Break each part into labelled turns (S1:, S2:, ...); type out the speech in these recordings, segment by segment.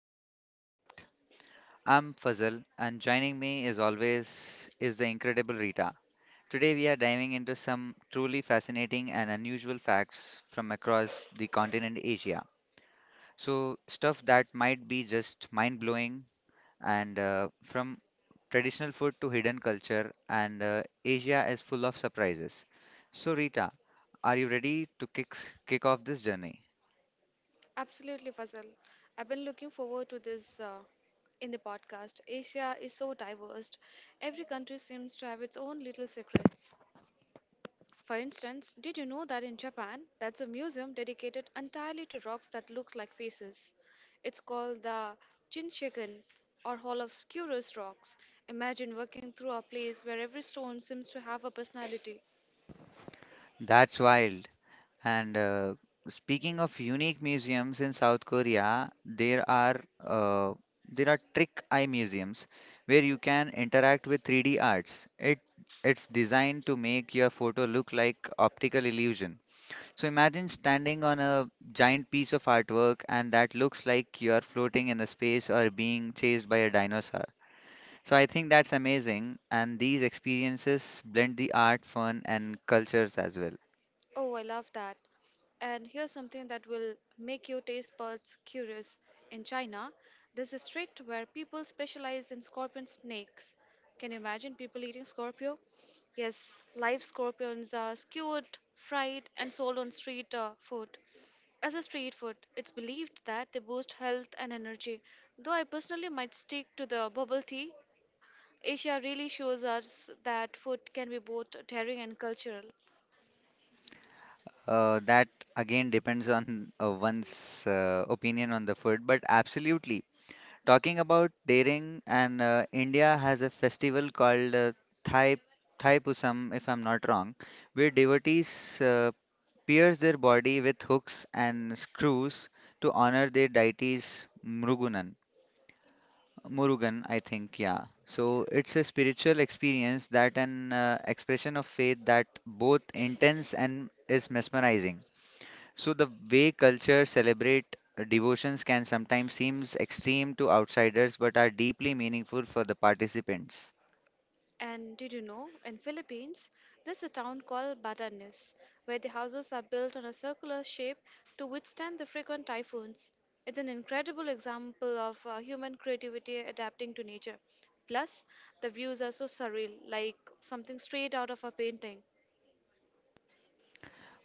S1: of Asian Unwrapped. I'm Fazal, and joining me, as always, is the incredible Rita. Today, we are diving into some truly fascinating and unusual facts from across the continent Asia. So, stuff that might be just mind blowing, and from traditional food to hidden culture, and Asia is full of surprises. So, Rita, are you ready to kick off this journey?
S2: Absolutely, Fazal. I've been looking forward to this in the podcast. Asia is so diverse. Every country seems to have its own little secrets. For instance, did you know that in Japan, that's a museum dedicated entirely to rocks that look like faces? It's called the Chinshiken, or Hall of Curious Rocks. Imagine walking through a place where every stone seems to have a personality.
S1: That's wild. And speaking of unique museums in South Korea, there are trick eye museums where you can interact with 3D arts. It's designed to make your photo look like optical illusion. So imagine standing on a giant piece of artwork and that looks like you are floating in a space or being chased by a dinosaur. So I think that's amazing and these experiences blend the art, fun and cultures as well.
S2: Oh, I love that. And here's something that will make your taste buds curious. In China, there's a street where people specialize in scorpion snakes. Can you imagine people eating scorpio? Yes, live scorpions are skewered, fried, and sold on street food. As a street food, it's believed that they boost health and energy. Though I personally might stick to the bubble tea, Asia really shows us that food can be both daring and cultural.
S1: That again depends on one's opinion on the food, but absolutely. Talking about daring, and India has a festival called Thai Thai Pusam, if I'm not wrong, where devotees pierce their body with hooks and screws to honor their deities Murugunan. Murugan, I think, yeah. So
S2: Yeah.
S1: it's a spiritual experience that an expression of faith that both intense and is mesmerizing. So the way culture celebrate devotions can sometimes seems extreme to outsiders but are deeply meaningful for the participants.
S2: And did you know, in Philippines, there's a town called Batanes, where the houses are built on a circular shape to withstand the frequent typhoons. It's an incredible example of human creativity adapting to nature. Plus, the views are so surreal, like something straight out of a painting.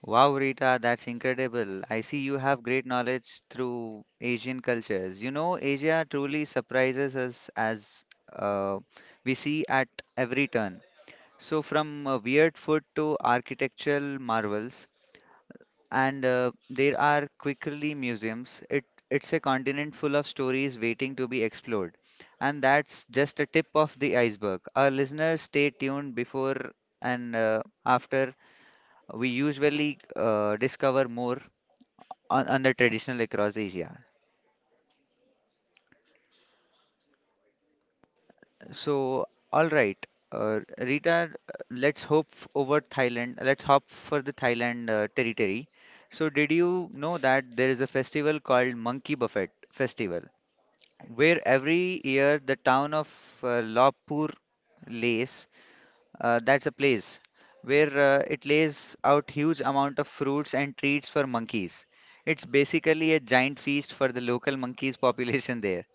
S1: Wow, Rita, that's incredible. I see you have great knowledge through Asian cultures. You know, Asia truly surprises us as uh, we see at every turn. So, from weird food to architectural marvels, and there are quickly museums. It's a continent full of stories waiting to be explored, and that's just a tip of the iceberg. Our listeners, stay tuned before and after we usually discover more on the traditional across Asia. So, all right. Rita, let's over Thailand. Let's hop for the Thailand territory. So, did you know that there is a festival called Monkey Buffet Festival, where every year the town of Lopbur Lace, that's a place where it lays out huge amount of fruits and treats for monkeys. It's basically a giant feast for the local monkeys population there.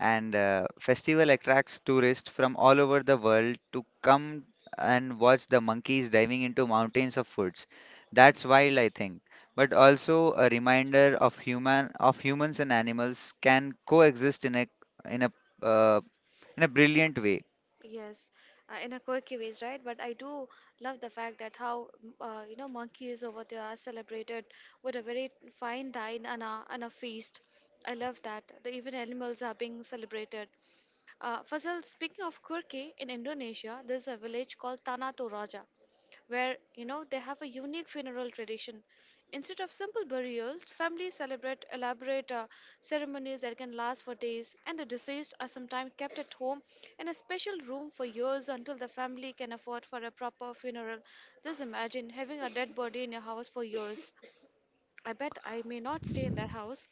S1: And festival attracts tourists from all over the world to come and watch the monkeys diving into mountains of foods. That's wild, I think, but also a reminder of humans and animals can coexist in a uh, in a brilliant way.
S2: Yes, in a quirky ways, right? But I do love the fact that how monkeys over there are celebrated with a very fine dine and a feast. I love that. The even animals are being celebrated. Fazal, speaking of quirky, in Indonesia, there's a village called Tanah Toraja, where they have a unique funeral tradition. Instead of simple burials, families celebrate elaborate ceremonies that can last for days, and the deceased are sometimes kept at home in a special room for years until the family can afford for a proper funeral. Just imagine having a dead body in your house for years. I bet I may not stay in that house.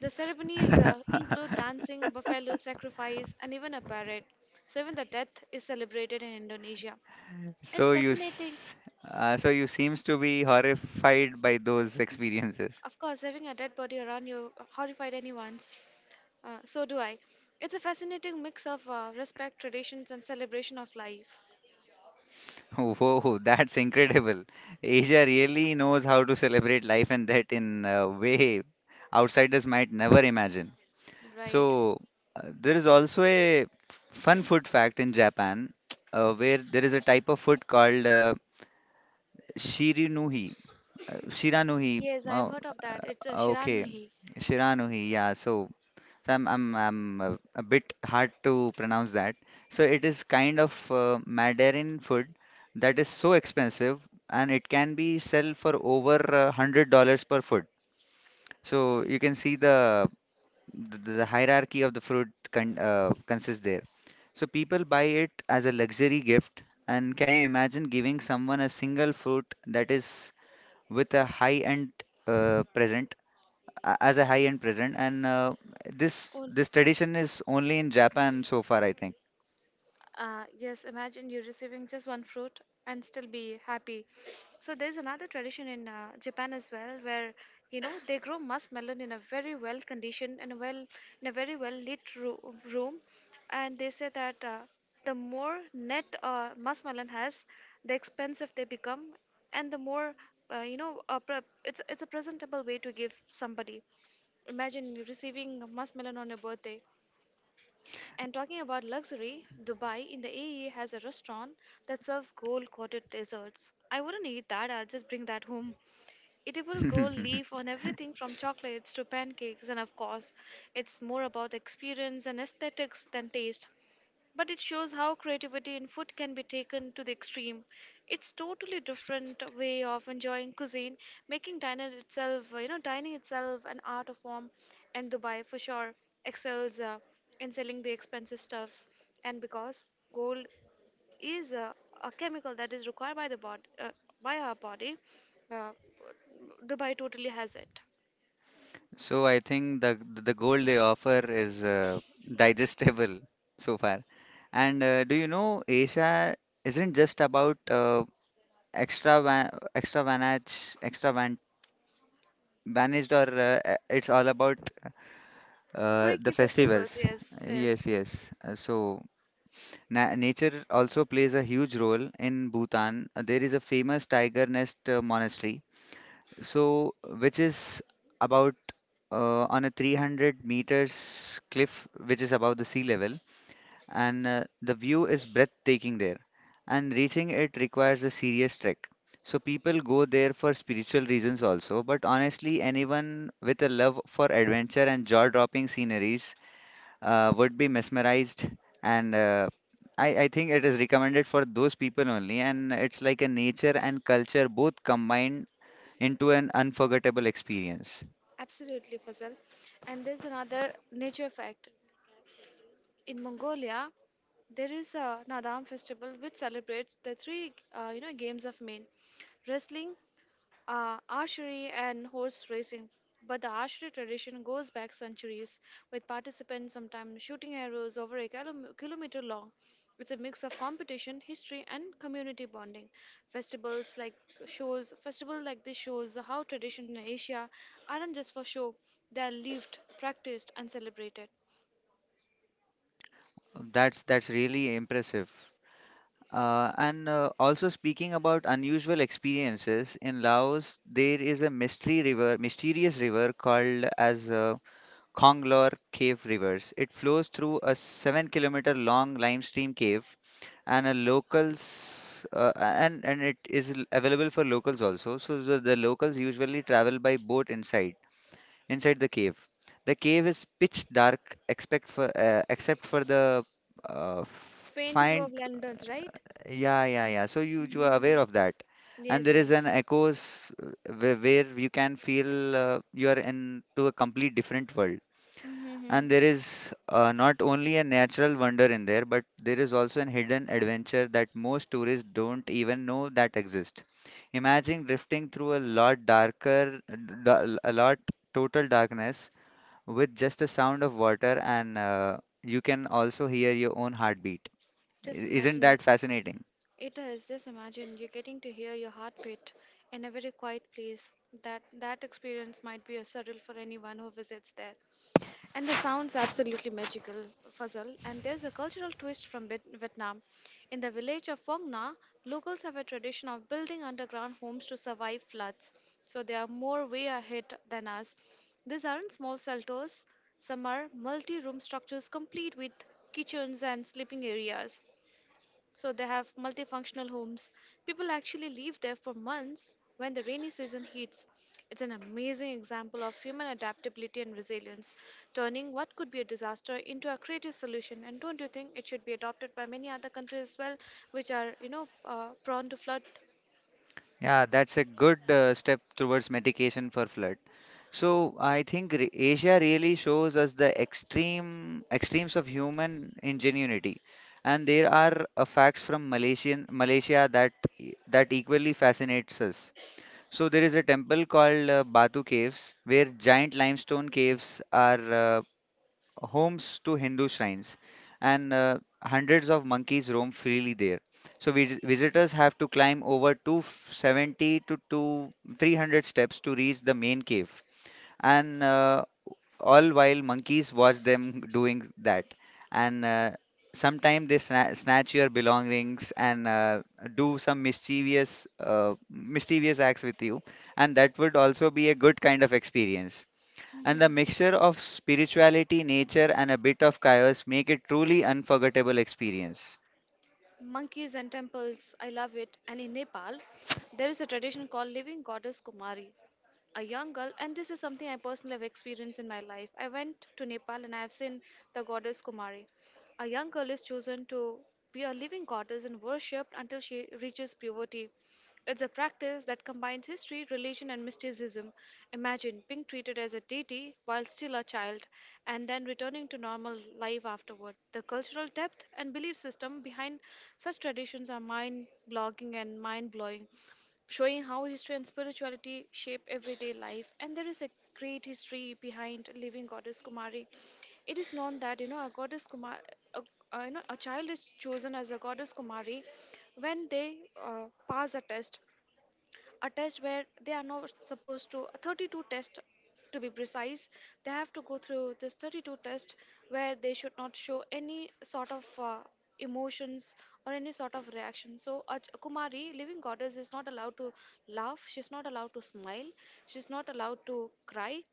S2: The ceremonies include dancing, buffalo sacrifice, and even a parade. So even the death is celebrated in Indonesia. It's
S1: So you,
S2: fascinating.
S1: s- so you seems to be horrified by those experiences.
S2: Of course, having a dead body around you horrified anyone's. So do I. It's a fascinating mix of respect, traditions, and celebration of life.
S1: Whoa, that's incredible. Asia really knows how to celebrate life and death in a way outsiders might never imagine.
S2: Right.
S1: So there is also a fun food fact in Japan, where there is a type of food called shirinuhi, shiranuhi.
S2: Yes, I've
S1: Oh,
S2: heard of that. It's a Shiran
S1: okay,
S2: Nuhi.
S1: shiranuhi. Yeah. So I'm a bit hard to pronounce that. So it is kind of Mandarin food that is so expensive and it can be sell for over $100 per foot. So you can see the hierarchy of the fruit consists there. So people buy it as a luxury gift. And can you imagine giving someone a single fruit that is with a high-end present? As a high end present and this tradition is only in Japan so far I think.
S2: Yes, imagine you receiving just one fruit and still be happy. So there's another tradition in Japan as well where they grow muskmelon in a very well conditioned and a well in a very well lit room, and they say that the more net muskmelon has, the expensive they become, and the more it's a presentable way to give somebody. Imagine you receiving a muskmelon on your birthday. And talking about luxury, Dubai in the AE has a restaurant that serves gold coated desserts. I wouldn't eat that, I'll just bring that home. Edible gold leaf on everything from chocolates to pancakes, and of course, it's more about experience and aesthetics than taste, but it shows how creativity in food can be taken to the extreme. It's totally different way of enjoying cuisine, making dining itself an art of form, and Dubai for sure excels in selling the expensive stuffs, and because gold is a chemical that is required by by our body, uh, Dubai totally has it.
S1: So I think the gold they offer is digestible so far. And do you know Asia isn't just about extra va- extra vanage extra van vanished or it's all about the
S2: Kureki festivals,
S1: festivals.
S2: yes, yes,
S1: Yes, yes. So Na Nature also plays a huge role in Bhutan. There is a famous tiger nest monastery, so which is about on a 300 meters cliff, which is above the sea level, and the view is breathtaking there. And reaching it requires a serious trek. So people go there for spiritual reasons also, but honestly, anyone with a love for adventure and jaw-dropping sceneries would be mesmerized and I think it is recommended for those people only and it's like a nature and culture both combined into an unforgettable experience.
S2: absolutely, Fazal. And there's another nature fact. In Mongolia, there is a Nadam festival which celebrates the three games of men: wrestling, archery, and horse racing. But the archery tradition goes back centuries, with participants sometimes shooting arrows over a kilometer long. It's a mix of competition, history, and community bonding. Festivals like festival like this shows how traditions in Asia aren't just for show; they are lived, practiced, and celebrated.
S1: That's really impressive. And Also speaking about unusual experiences in Laos, there is a mysterious river called as Khonglor Cave Rivers. It flows through a 7 kilometer long limestream cave and a locals and it is available for locals also. So the locals usually travel by boat inside the cave. The cave is pitch dark, except for the
S2: Faint glow
S1: find.
S2: of lanterns, right?
S1: Yeah, yeah, yeah. So you are aware
S2: Mm-hmm.
S1: of that, and
S2: Yes,
S1: there is
S2: yes.
S1: an echoes where you can feel you are into a complete different world.
S2: Mm-hmm.
S1: And there is not only a natural wonder in there, but there is also a hidden adventure that most tourists don't even know that exists. Imagine drifting through a lot darker, da- a lot total darkness with just the sound of water, and you can also hear your own heartbeat. I-
S2: Just
S1: Isn't
S2: imagine.
S1: that fascinating?
S2: It is, just imagine you are getting to hear your heartbeat in a very quiet place. That experience might be a surreal for anyone who visits there. And the sounds absolutely magical, Fazal. And there's a cultural twist from Vietnam. In the village of Phong Nha, locals have a tradition of building underground homes to survive floods. So they are more way ahead than us. These aren't small shelters. Some are multi-room structures complete with kitchens and sleeping areas. So they have multifunctional homes. People actually live there for months when the rainy season hits. It's an amazing example of human adaptability and resilience, turning what could be a disaster into a creative solution. And don't you think it should be adopted by many other countries as well, which are, prone to flood.
S1: Yeah, that's a good step towards mitigation for flood. So I think Asia really shows us the extremes of human ingenuity, and there are facts from Malaysia that that equally fascinates us. So there is a temple called Batu Caves, where giant limestone caves are homes to Hindu shrines, and hundreds of monkeys roam freely there. So visitors have to climb over 270 to 2 300 steps to reach the main cave and all while monkeys watch them doing that and sometimes they snatch your belongings and do some mischievous acts with you, and that would also be a good kind of experience, and the mixture of spirituality nature and a bit of chaos make it truly unforgettable experience.
S2: Monkeys and temples, I love it. And in Nepal, there is a tradition called Living Goddess Kumari, a young girl, and this is something I personally have experienced in my life. I went to Nepal and I have seen the goddess Kumari. A young girl is chosen to be a living goddess and worshipped until she reaches puberty. It's a practice that combines history, religion, and mysticism. Imagine being treated as a deity while still a child and then returning to normal life afterward. The cultural depth and belief system behind such traditions are mind blogging and mind blowing, showing how history and spirituality shape everyday life. And there is a great history behind living goddess Kumari. It is known that a goddess Kumar, a, a, you know a child is chosen as a goddess Kumari when they pass a test where they are not supposed to 32 test, to be precise. They have to go through this 32 test where they should not show any sort of emotions or any sort of reaction. So a Kumari, living goddess, is not allowed to laugh. She's not allowed to smile. She's not allowed to cry,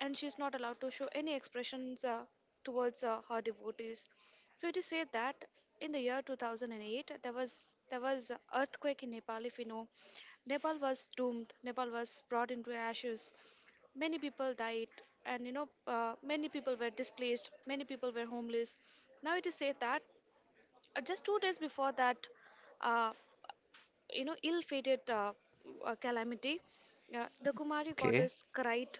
S2: and she is not allowed to show any expressions towards her devotees. So it is said that in the year 2008 there was a earthquake in Nepal. If you know, Nepal was doomed. Nepal was brought into ashes. Many people died, and many people were displaced. Many people were homeless. Now it is said that just 2 days before that uh, ill-fated calamity, the Kumari
S1: Okay.
S2: goddess cried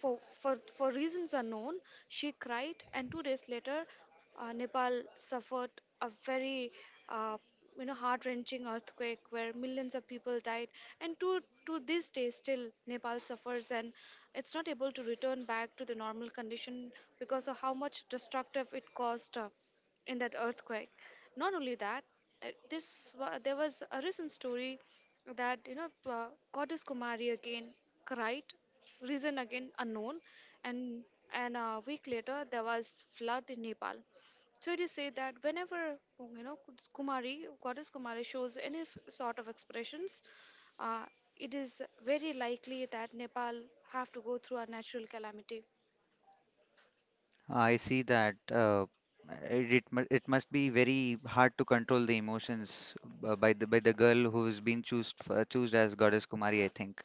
S2: for reasons unknown. She cried, and 2 days later, Nepal suffered a very uh, heart-wrenching earthquake where millions of people died, and to this day still Nepal suffers and it's not able to return back to the normal condition because of how much destructive it caused in that earthquake. Not only that, there was a recent story that goddess Kumari again cried, reason again unknown, and and a week later there was flood in Nepal. So it is said that whenever you know Kumari goddess Kumari shows any sort of expressions, uh, it is very likely that Nepal have to go through a natural calamity.
S1: I see that it must be very hard to control the emotions by the girl who's been chosen as goddess Kumari, I think.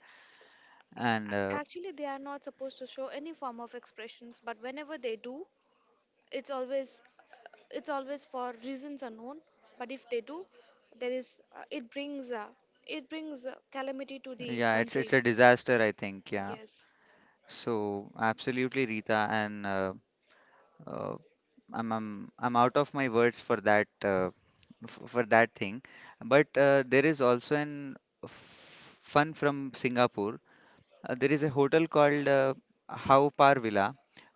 S1: And
S2: Actually, they are not supposed to show any form of expressions, but whenever they do, it's always it's always for reasons unknown. But if they do, there is uh, it brings uh, it brings calamity to the
S1: yeah, it's
S2: country.
S1: a disaster, I think. Yeah.
S2: Yes.
S1: So absolutely, Rita, and uh, I'm out of my words for that f for that thing. But there is also an f fun from Singapore. There is a hotel called Haw Par Villa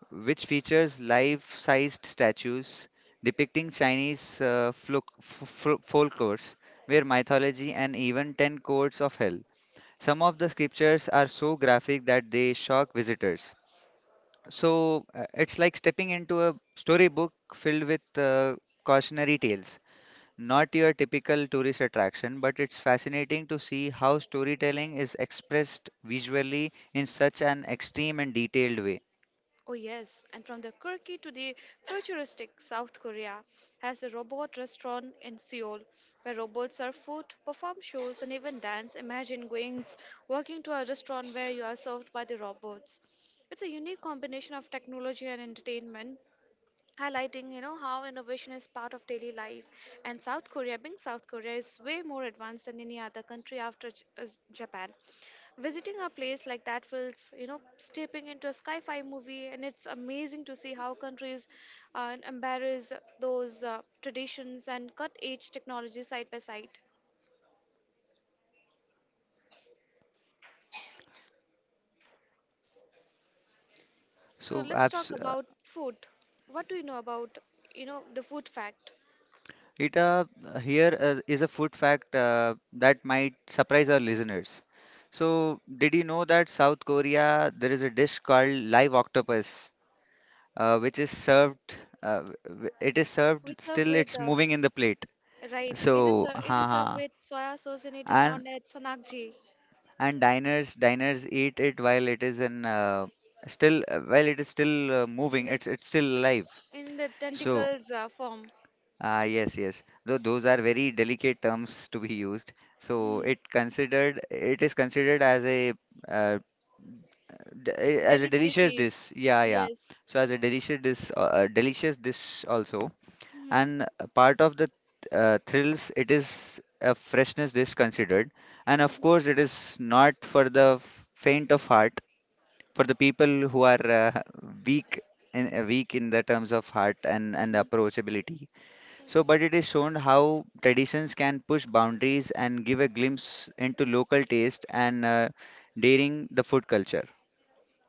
S1: which features life-sized statues depicting Chinese folklores, their mythology, and even ten codes of hell. Some of the scriptures are so graphic that they shock visitors. So it's like stepping into a storybook filled with cautionary tales. Not your typical tourist attraction, but it's fascinating to see how storytelling is expressed visually in such an extreme and detailed way.
S2: Oh, yes, and from the quirky to the futuristic, South Korea has a robot restaurant in Seoul where robots serve food, perform shows, and even dance. Imagine going working to a restaurant where you are served by the robots. It's a unique combination of technology and entertainment, highlighting how innovation is part of daily life, and South Korea being South Korea is way more advanced than any other country after is Japan. Visiting a place like that feels, stepping into a sci-fi movie, and it's amazing to see how countries embrace those traditions and cut edge technology side by side. So
S1: So,
S2: let's talk
S1: abs-
S2: about food. What do you know about the food fact?
S1: It Here is a food fact that might surprise our listeners. So, did you know that South Korea there is a dish called live octopus, which is served. It is
S2: We
S1: served
S2: serve
S1: still.
S2: with,
S1: It's moving in the plate.
S2: right? It is
S1: So,
S2: ser- it is served
S1: ha.
S2: with soya sauce, and it is
S1: and
S2: known as sanakji,
S1: and diners eat it while it is in still while it is still
S2: in
S1: moving.
S2: the
S1: It's still alive.
S2: in the
S1: So
S2: tentacles form.
S1: Ah, yes, yes. Though those are very delicate terms to be used. So
S2: Mhm.
S1: it considered it is considered as a uh, as a delicious
S2: Delicacy,
S1: dish. Yeah, yeah.
S2: yes.
S1: So as a delicious dish also.
S2: Mm-hmm.
S1: And a part of the thrills, it is a freshness dish considered. And of
S2: Mm-hmm.
S1: course, it is not for the faint of heart. For the people who are weak weak in the terms of heart and
S2: Mm-hmm.
S1: approachability. So, but it is shown how traditions can push boundaries and give a glimpse into local taste and daring the food culture.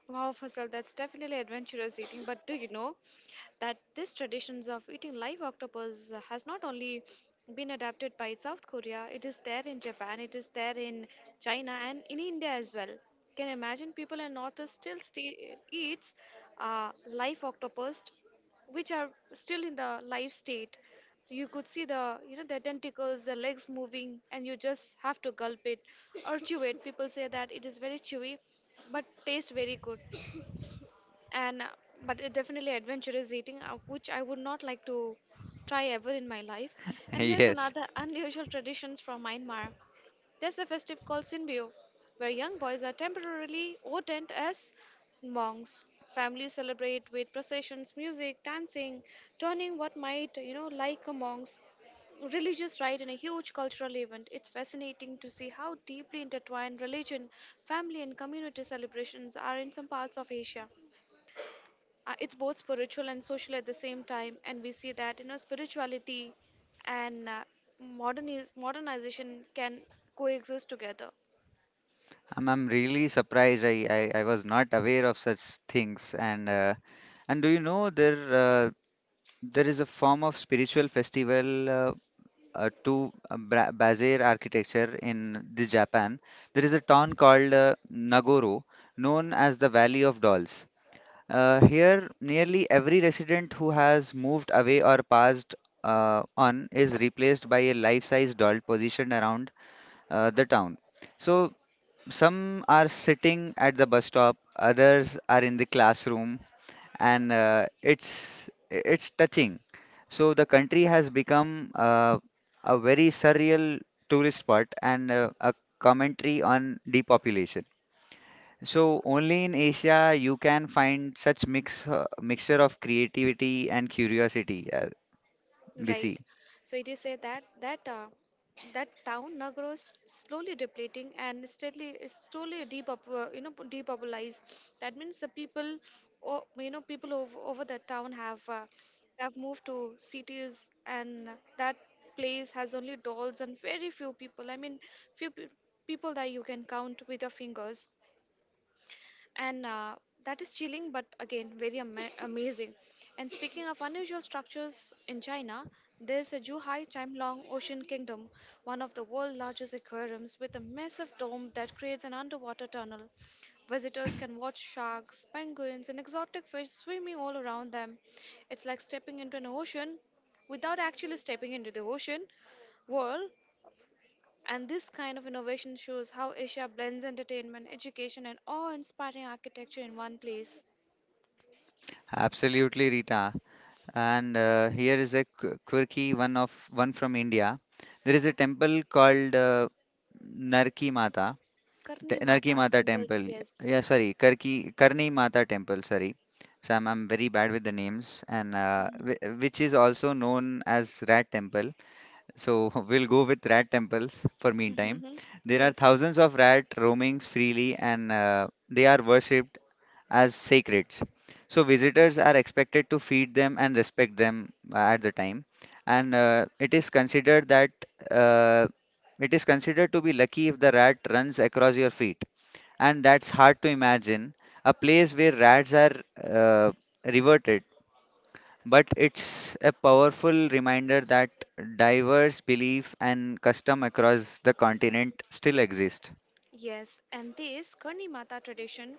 S2: Wow, Fasal, that's definitely adventurous eating. But do you know that this traditions of eating live octopus has not only been adapted by South Korea, it is there in Japan, it is there in China, and in India as well. Can you imagine people in North East still eats live octopus, which are still in the live state. So you could see the you know the tentacles, the legs moving, and you just have to gulp it or chew it. People say that it is very chewy, but tastes very good and but it definitely adventurous eating which I would not like to try ever in my life. And here's
S1: Yes,
S2: another unusual traditions from Myanmar. There's a festive called Sinbio, where young boys are temporarily ordained as monks. Families celebrate with processions, music, dancing, turning what might, like a monk's religious rite in a huge cultural event. It's fascinating to see how deeply intertwined religion, family, and community celebrations are in some parts of Asia. It's both spiritual and social at the same time, and we see that spirituality and modernization can coexist together.
S1: I'm really surprised. I was not aware of such things. And do you know there there is a form of spiritual festival Bazaar architecture in the Japan. There is a town called Nagoro, known as the Valley of Dolls. Here, nearly every resident who has moved away or passed on is replaced by a life-size doll positioned around the town. So, some are sitting at the bus stop, others are in the classroom, and it's touching. So, the country has become a very surreal tourist spot and a commentary on depopulation. So only in Asia you can find such mixture of creativity and curiosity. BC.
S2: Right. So it is said that that town now grows slowly depleting and steadily slowly depopulized. That means the people, people over the town have moved to cities, and that place has only dolls and very few people. I mean, few pe people that you can count with your fingers and that is chilling but again very amazing. And speaking of unusual structures in China, there's a Zhuhai Chime-Long Ocean Kingdom, one of the world's largest aquariums with a massive dome that creates an underwater tunnel. Visitors can watch sharks, penguins, and exotic fish swimming all around them. It's like stepping into an ocean without actually stepping into the ocean world, and this kind of innovation shows how Asia blends entertainment, education, and awe inspiring architecture in one place.
S1: Absolutely, Rita. And here is a quirky one from India. There is a temple called Narki Mata,
S2: Karni
S1: Narki
S2: Mata
S1: Mata
S2: Temple,
S1: Temple.
S2: yes.
S1: Yeah, sorry, Karki Karni Mata Temple. Sorry, so I'm very bad with the names. And
S2: Mm.
S1: which is also known as Rat Temple. So we'll go with rat temples for meantime.
S2: Mhm.
S1: There are
S2: Yes.
S1: thousands of rat roamings freely and they are worshipped as sacreds. So visitors are expected to feed them and respect them at the time. And it is considered that uh, it is considered to be lucky if the rat runs across your feet. And that's hard to imagine. A place where rats are uh, reverted, but it's a powerful reminder that diverse belief and custom across the continent still exist.
S2: Yes, and this Karni Mata tradition,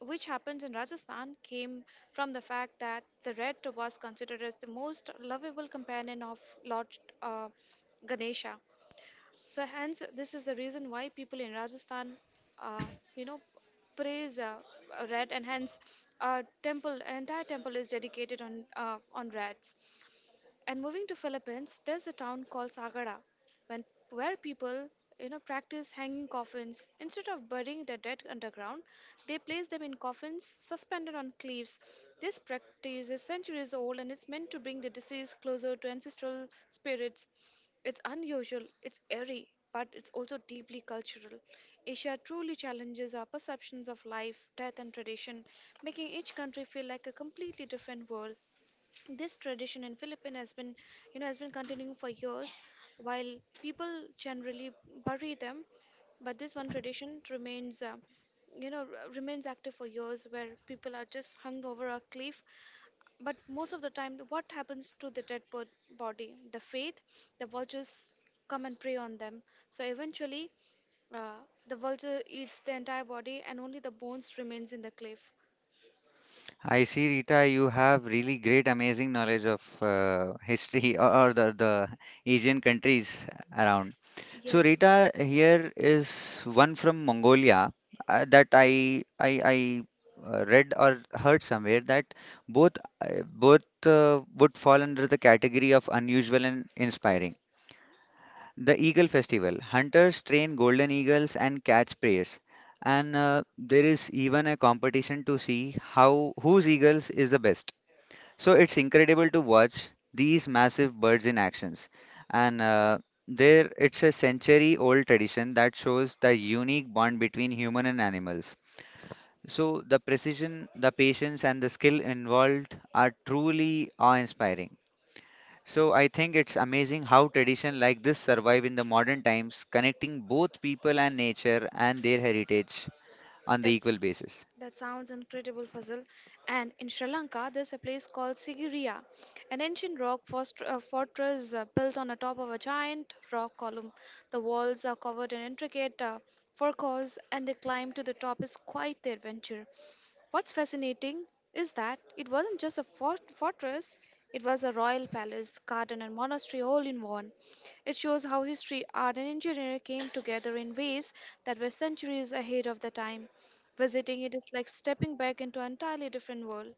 S2: which happens in Rajasthan, came from the fact that the rat was considered as the most lovable companion of Lord uh, Ganesha. So hence, this is the reason why people in Rajasthan, uh, you know, praise rat, and hence, temple entire temple is dedicated on reds. And moving to Philippines, there's a town called Sagara, when where people practice hanging coffins instead of burying their dead underground. They place them in coffins suspended on cliffs. This practice is centuries old and is meant to bring the deceased closer to ancestral spirits. It's unusual, it's airy, but it's also deeply cultural. Asia truly challenges our perceptions of life, death, and tradition, making each country feel like a completely different world. This tradition in Philippines has been, has been continuing for years, while people generally bury them, but this one tradition remains, remains active for years, where people are just hung over a cliff. But most of the time, what happens to the dead body? The faith, the vultures come and prey on them. So eventually, uh, the vulture eats the entire body, and only the bones remains in the cliff.
S1: I see, Rita, you have really great, amazing knowledge of history or the Asian countries around. So,
S2: Yes,
S1: Rita, here is one from Mongolia that I read or heard somewhere that both both would fall under the category of unusual and inspiring. The Eagle Festival. Hunters train golden eagles and catch prayers. And there is even a competition to see how whose eagles is the best. So it's incredible to watch these massive birds in actions. And there it's a century old tradition that shows the unique bond between human and animals. So the precision, the patience and the skill involved are truly awe-inspiring. So I think it's amazing how tradition like this survive in the modern times, connecting both people and nature and their heritage on the
S2: that's
S1: equal basis.
S2: that sounds incredible, Fazil. And in Sri Lanka, there's a place called Sigiriya, an ancient fortress built on the top of a giant rock column. The walls are covered in intricate furrows, and the climb to the top is quite the adventure. What's fascinating is that it wasn't just a fortress, it was a royal palace, garden, and monastery all in one. It shows how history, art, and engineering came together in ways that were centuries ahead of the time. Visiting it is like stepping back into an entirely different world.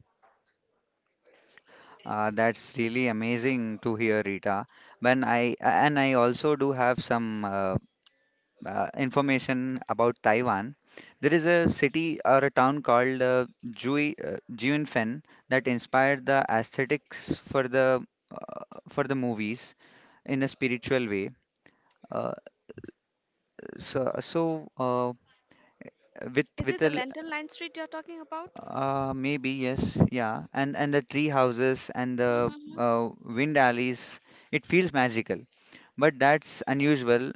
S1: That's really amazing to hear, Rita. When I and I also do have some information about Taiwan. There is a city or a town called Jiunfen that inspired the aesthetics for the movies in a spiritual way. Uh, so, so uh, with
S2: Is
S1: with
S2: it
S1: a
S2: the
S1: l-
S2: Lantern Line Street you're talking about?
S1: Maybe yes, yeah, and the tree houses and the
S2: Mhm.
S1: wind alleys, it feels magical, but that's unusual.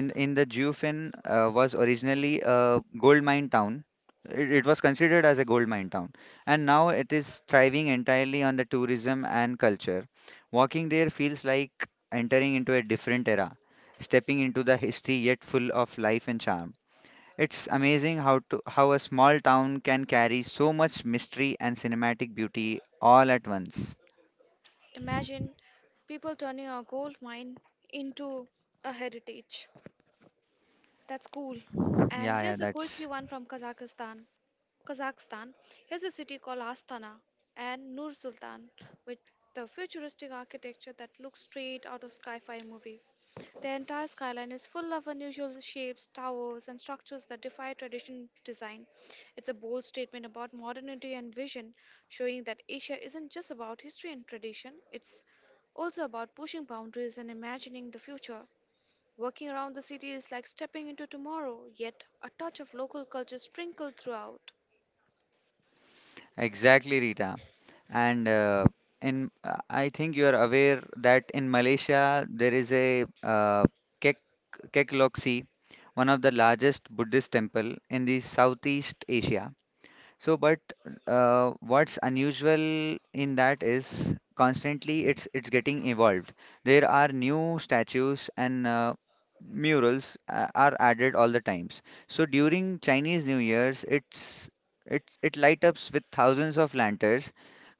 S1: In the geofin was originally a gold mine town, it was considered as a gold mine town, and now it is thriving entirely on the tourism and culture. Walking there feels like entering into a different era, stepping into the history yet full of life and charm. It's amazing how a small town can carry so much mystery and cinematic beauty all at once.
S2: Imagine people turning a gold mine into a heritage. That's cool. And
S1: Yeah, yeah,
S2: here's a quirky
S1: that's
S2: one from Kazakhstan. Kazakhstan. Here's a city called Astana and Nur Sultan with the futuristic architecture that looks straight out of sci-fi movie. The entire skyline is full of unusual shapes, towers, and structures that defy traditional design. It's a bold statement about modernity and vision, showing that Asia isn't just about history and tradition, it's also about pushing boundaries and imagining the future. Walking around the city is like stepping into tomorrow, yet a touch of local culture sprinkled throughout.
S1: Exactly, Rita. And in I think you are aware that in Malaysia there is a Kek Kek Lok Si, one of the largest Buddhist temple in the Southeast Asia. So, but what's unusual in that is constantly it's getting evolved. There are new statues and murals are added all the times. So during Chinese New Year's, it light ups with thousands of lanterns,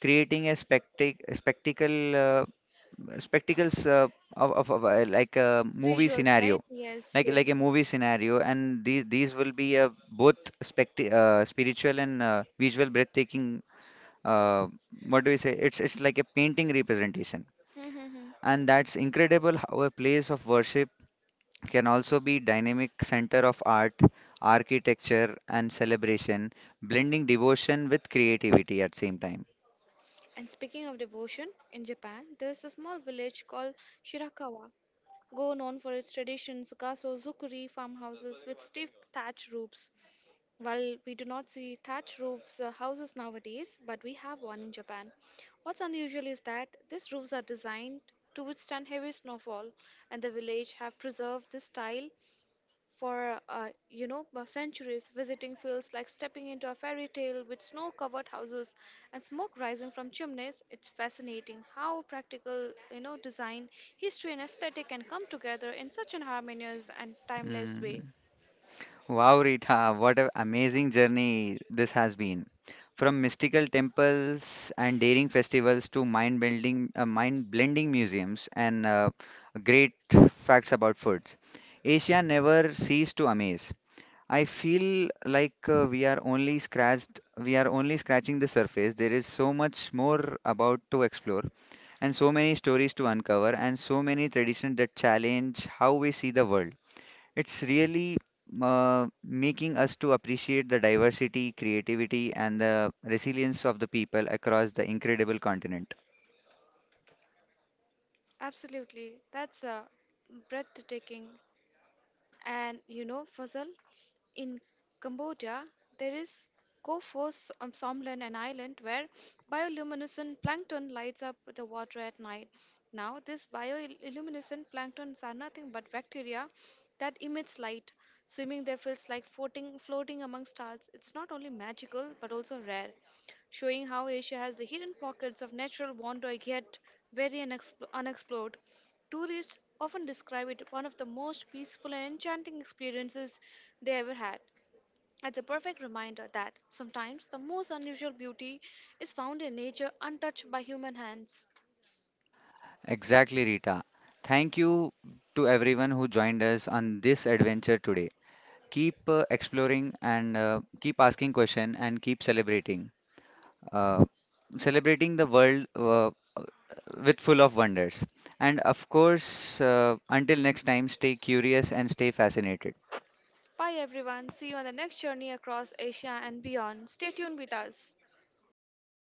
S1: creating a spectacle. Spectacles of like a movie
S2: Visuals, right?
S1: scenario,
S2: Yes,
S1: like
S2: yes.
S1: a movie scenario, and these will be both spiritual and visual breathtaking. uh, what do we say, it's like a painting representation,
S2: Mhm, mhm.
S1: and that's incredible how a place of worship can also be dynamic center of art, architecture and celebration, blending devotion with creativity at same time.
S2: And speaking of devotion, in Japan, there is a small village called Shirakawa, go known for its traditions, kaso, zukuri, farmhouses with stiff thatch roofs. While we do not see thatch roofs houses nowadays, but we have one in Japan. What's unusual is that these roofs are designed to withstand heavy snowfall, and the village have preserved this style for, centuries. Visiting feels like stepping into a fairy tale with snow covered houses and smoke rising from chimneys. It's fascinating how practical, design, history, and aesthetic can come together in such an harmonious and timeless way.
S1: Mm. Wow, Rita, what an amazing journey this has been. From mystical temples and daring festivals to mind blending museums and great facts about foods. Asia never ceased to amaze. I feel like we are only scratching the surface. There is so much more about to explore and so many stories to uncover and so many traditions that challenge how we see the world. It's really making us to appreciate the diversity, creativity, and the resilience of the people across the incredible continent.
S2: Absolutely. That's Breathtaking. And you know, Fazal, in Cambodia, there is Somlan, an island where bioluminescent plankton lights up the water at night. Now, this bioluminescent planktons are nothing but bacteria that emits light. Swimming there feels like floating among stars. It's not only magical but also rare, showing how Asia has the hidden pockets of natural wonder yet very unexplored. Tourists often describe it one of the most peaceful and enchanting experiences they ever had. It's a perfect reminder that sometimes the most unusual beauty is found in nature untouched by human hands.
S1: Exactly, Rita. Thank you to everyone who joined us on this adventure today. Keep exploring and keep asking questions and keep celebrating. Uh, Celebrating the world with full of wonders. And of course, until next time, stay curious and stay fascinated.
S2: Bye everyone. See you on the next journey across Asia and beyond. Stay tuned with us.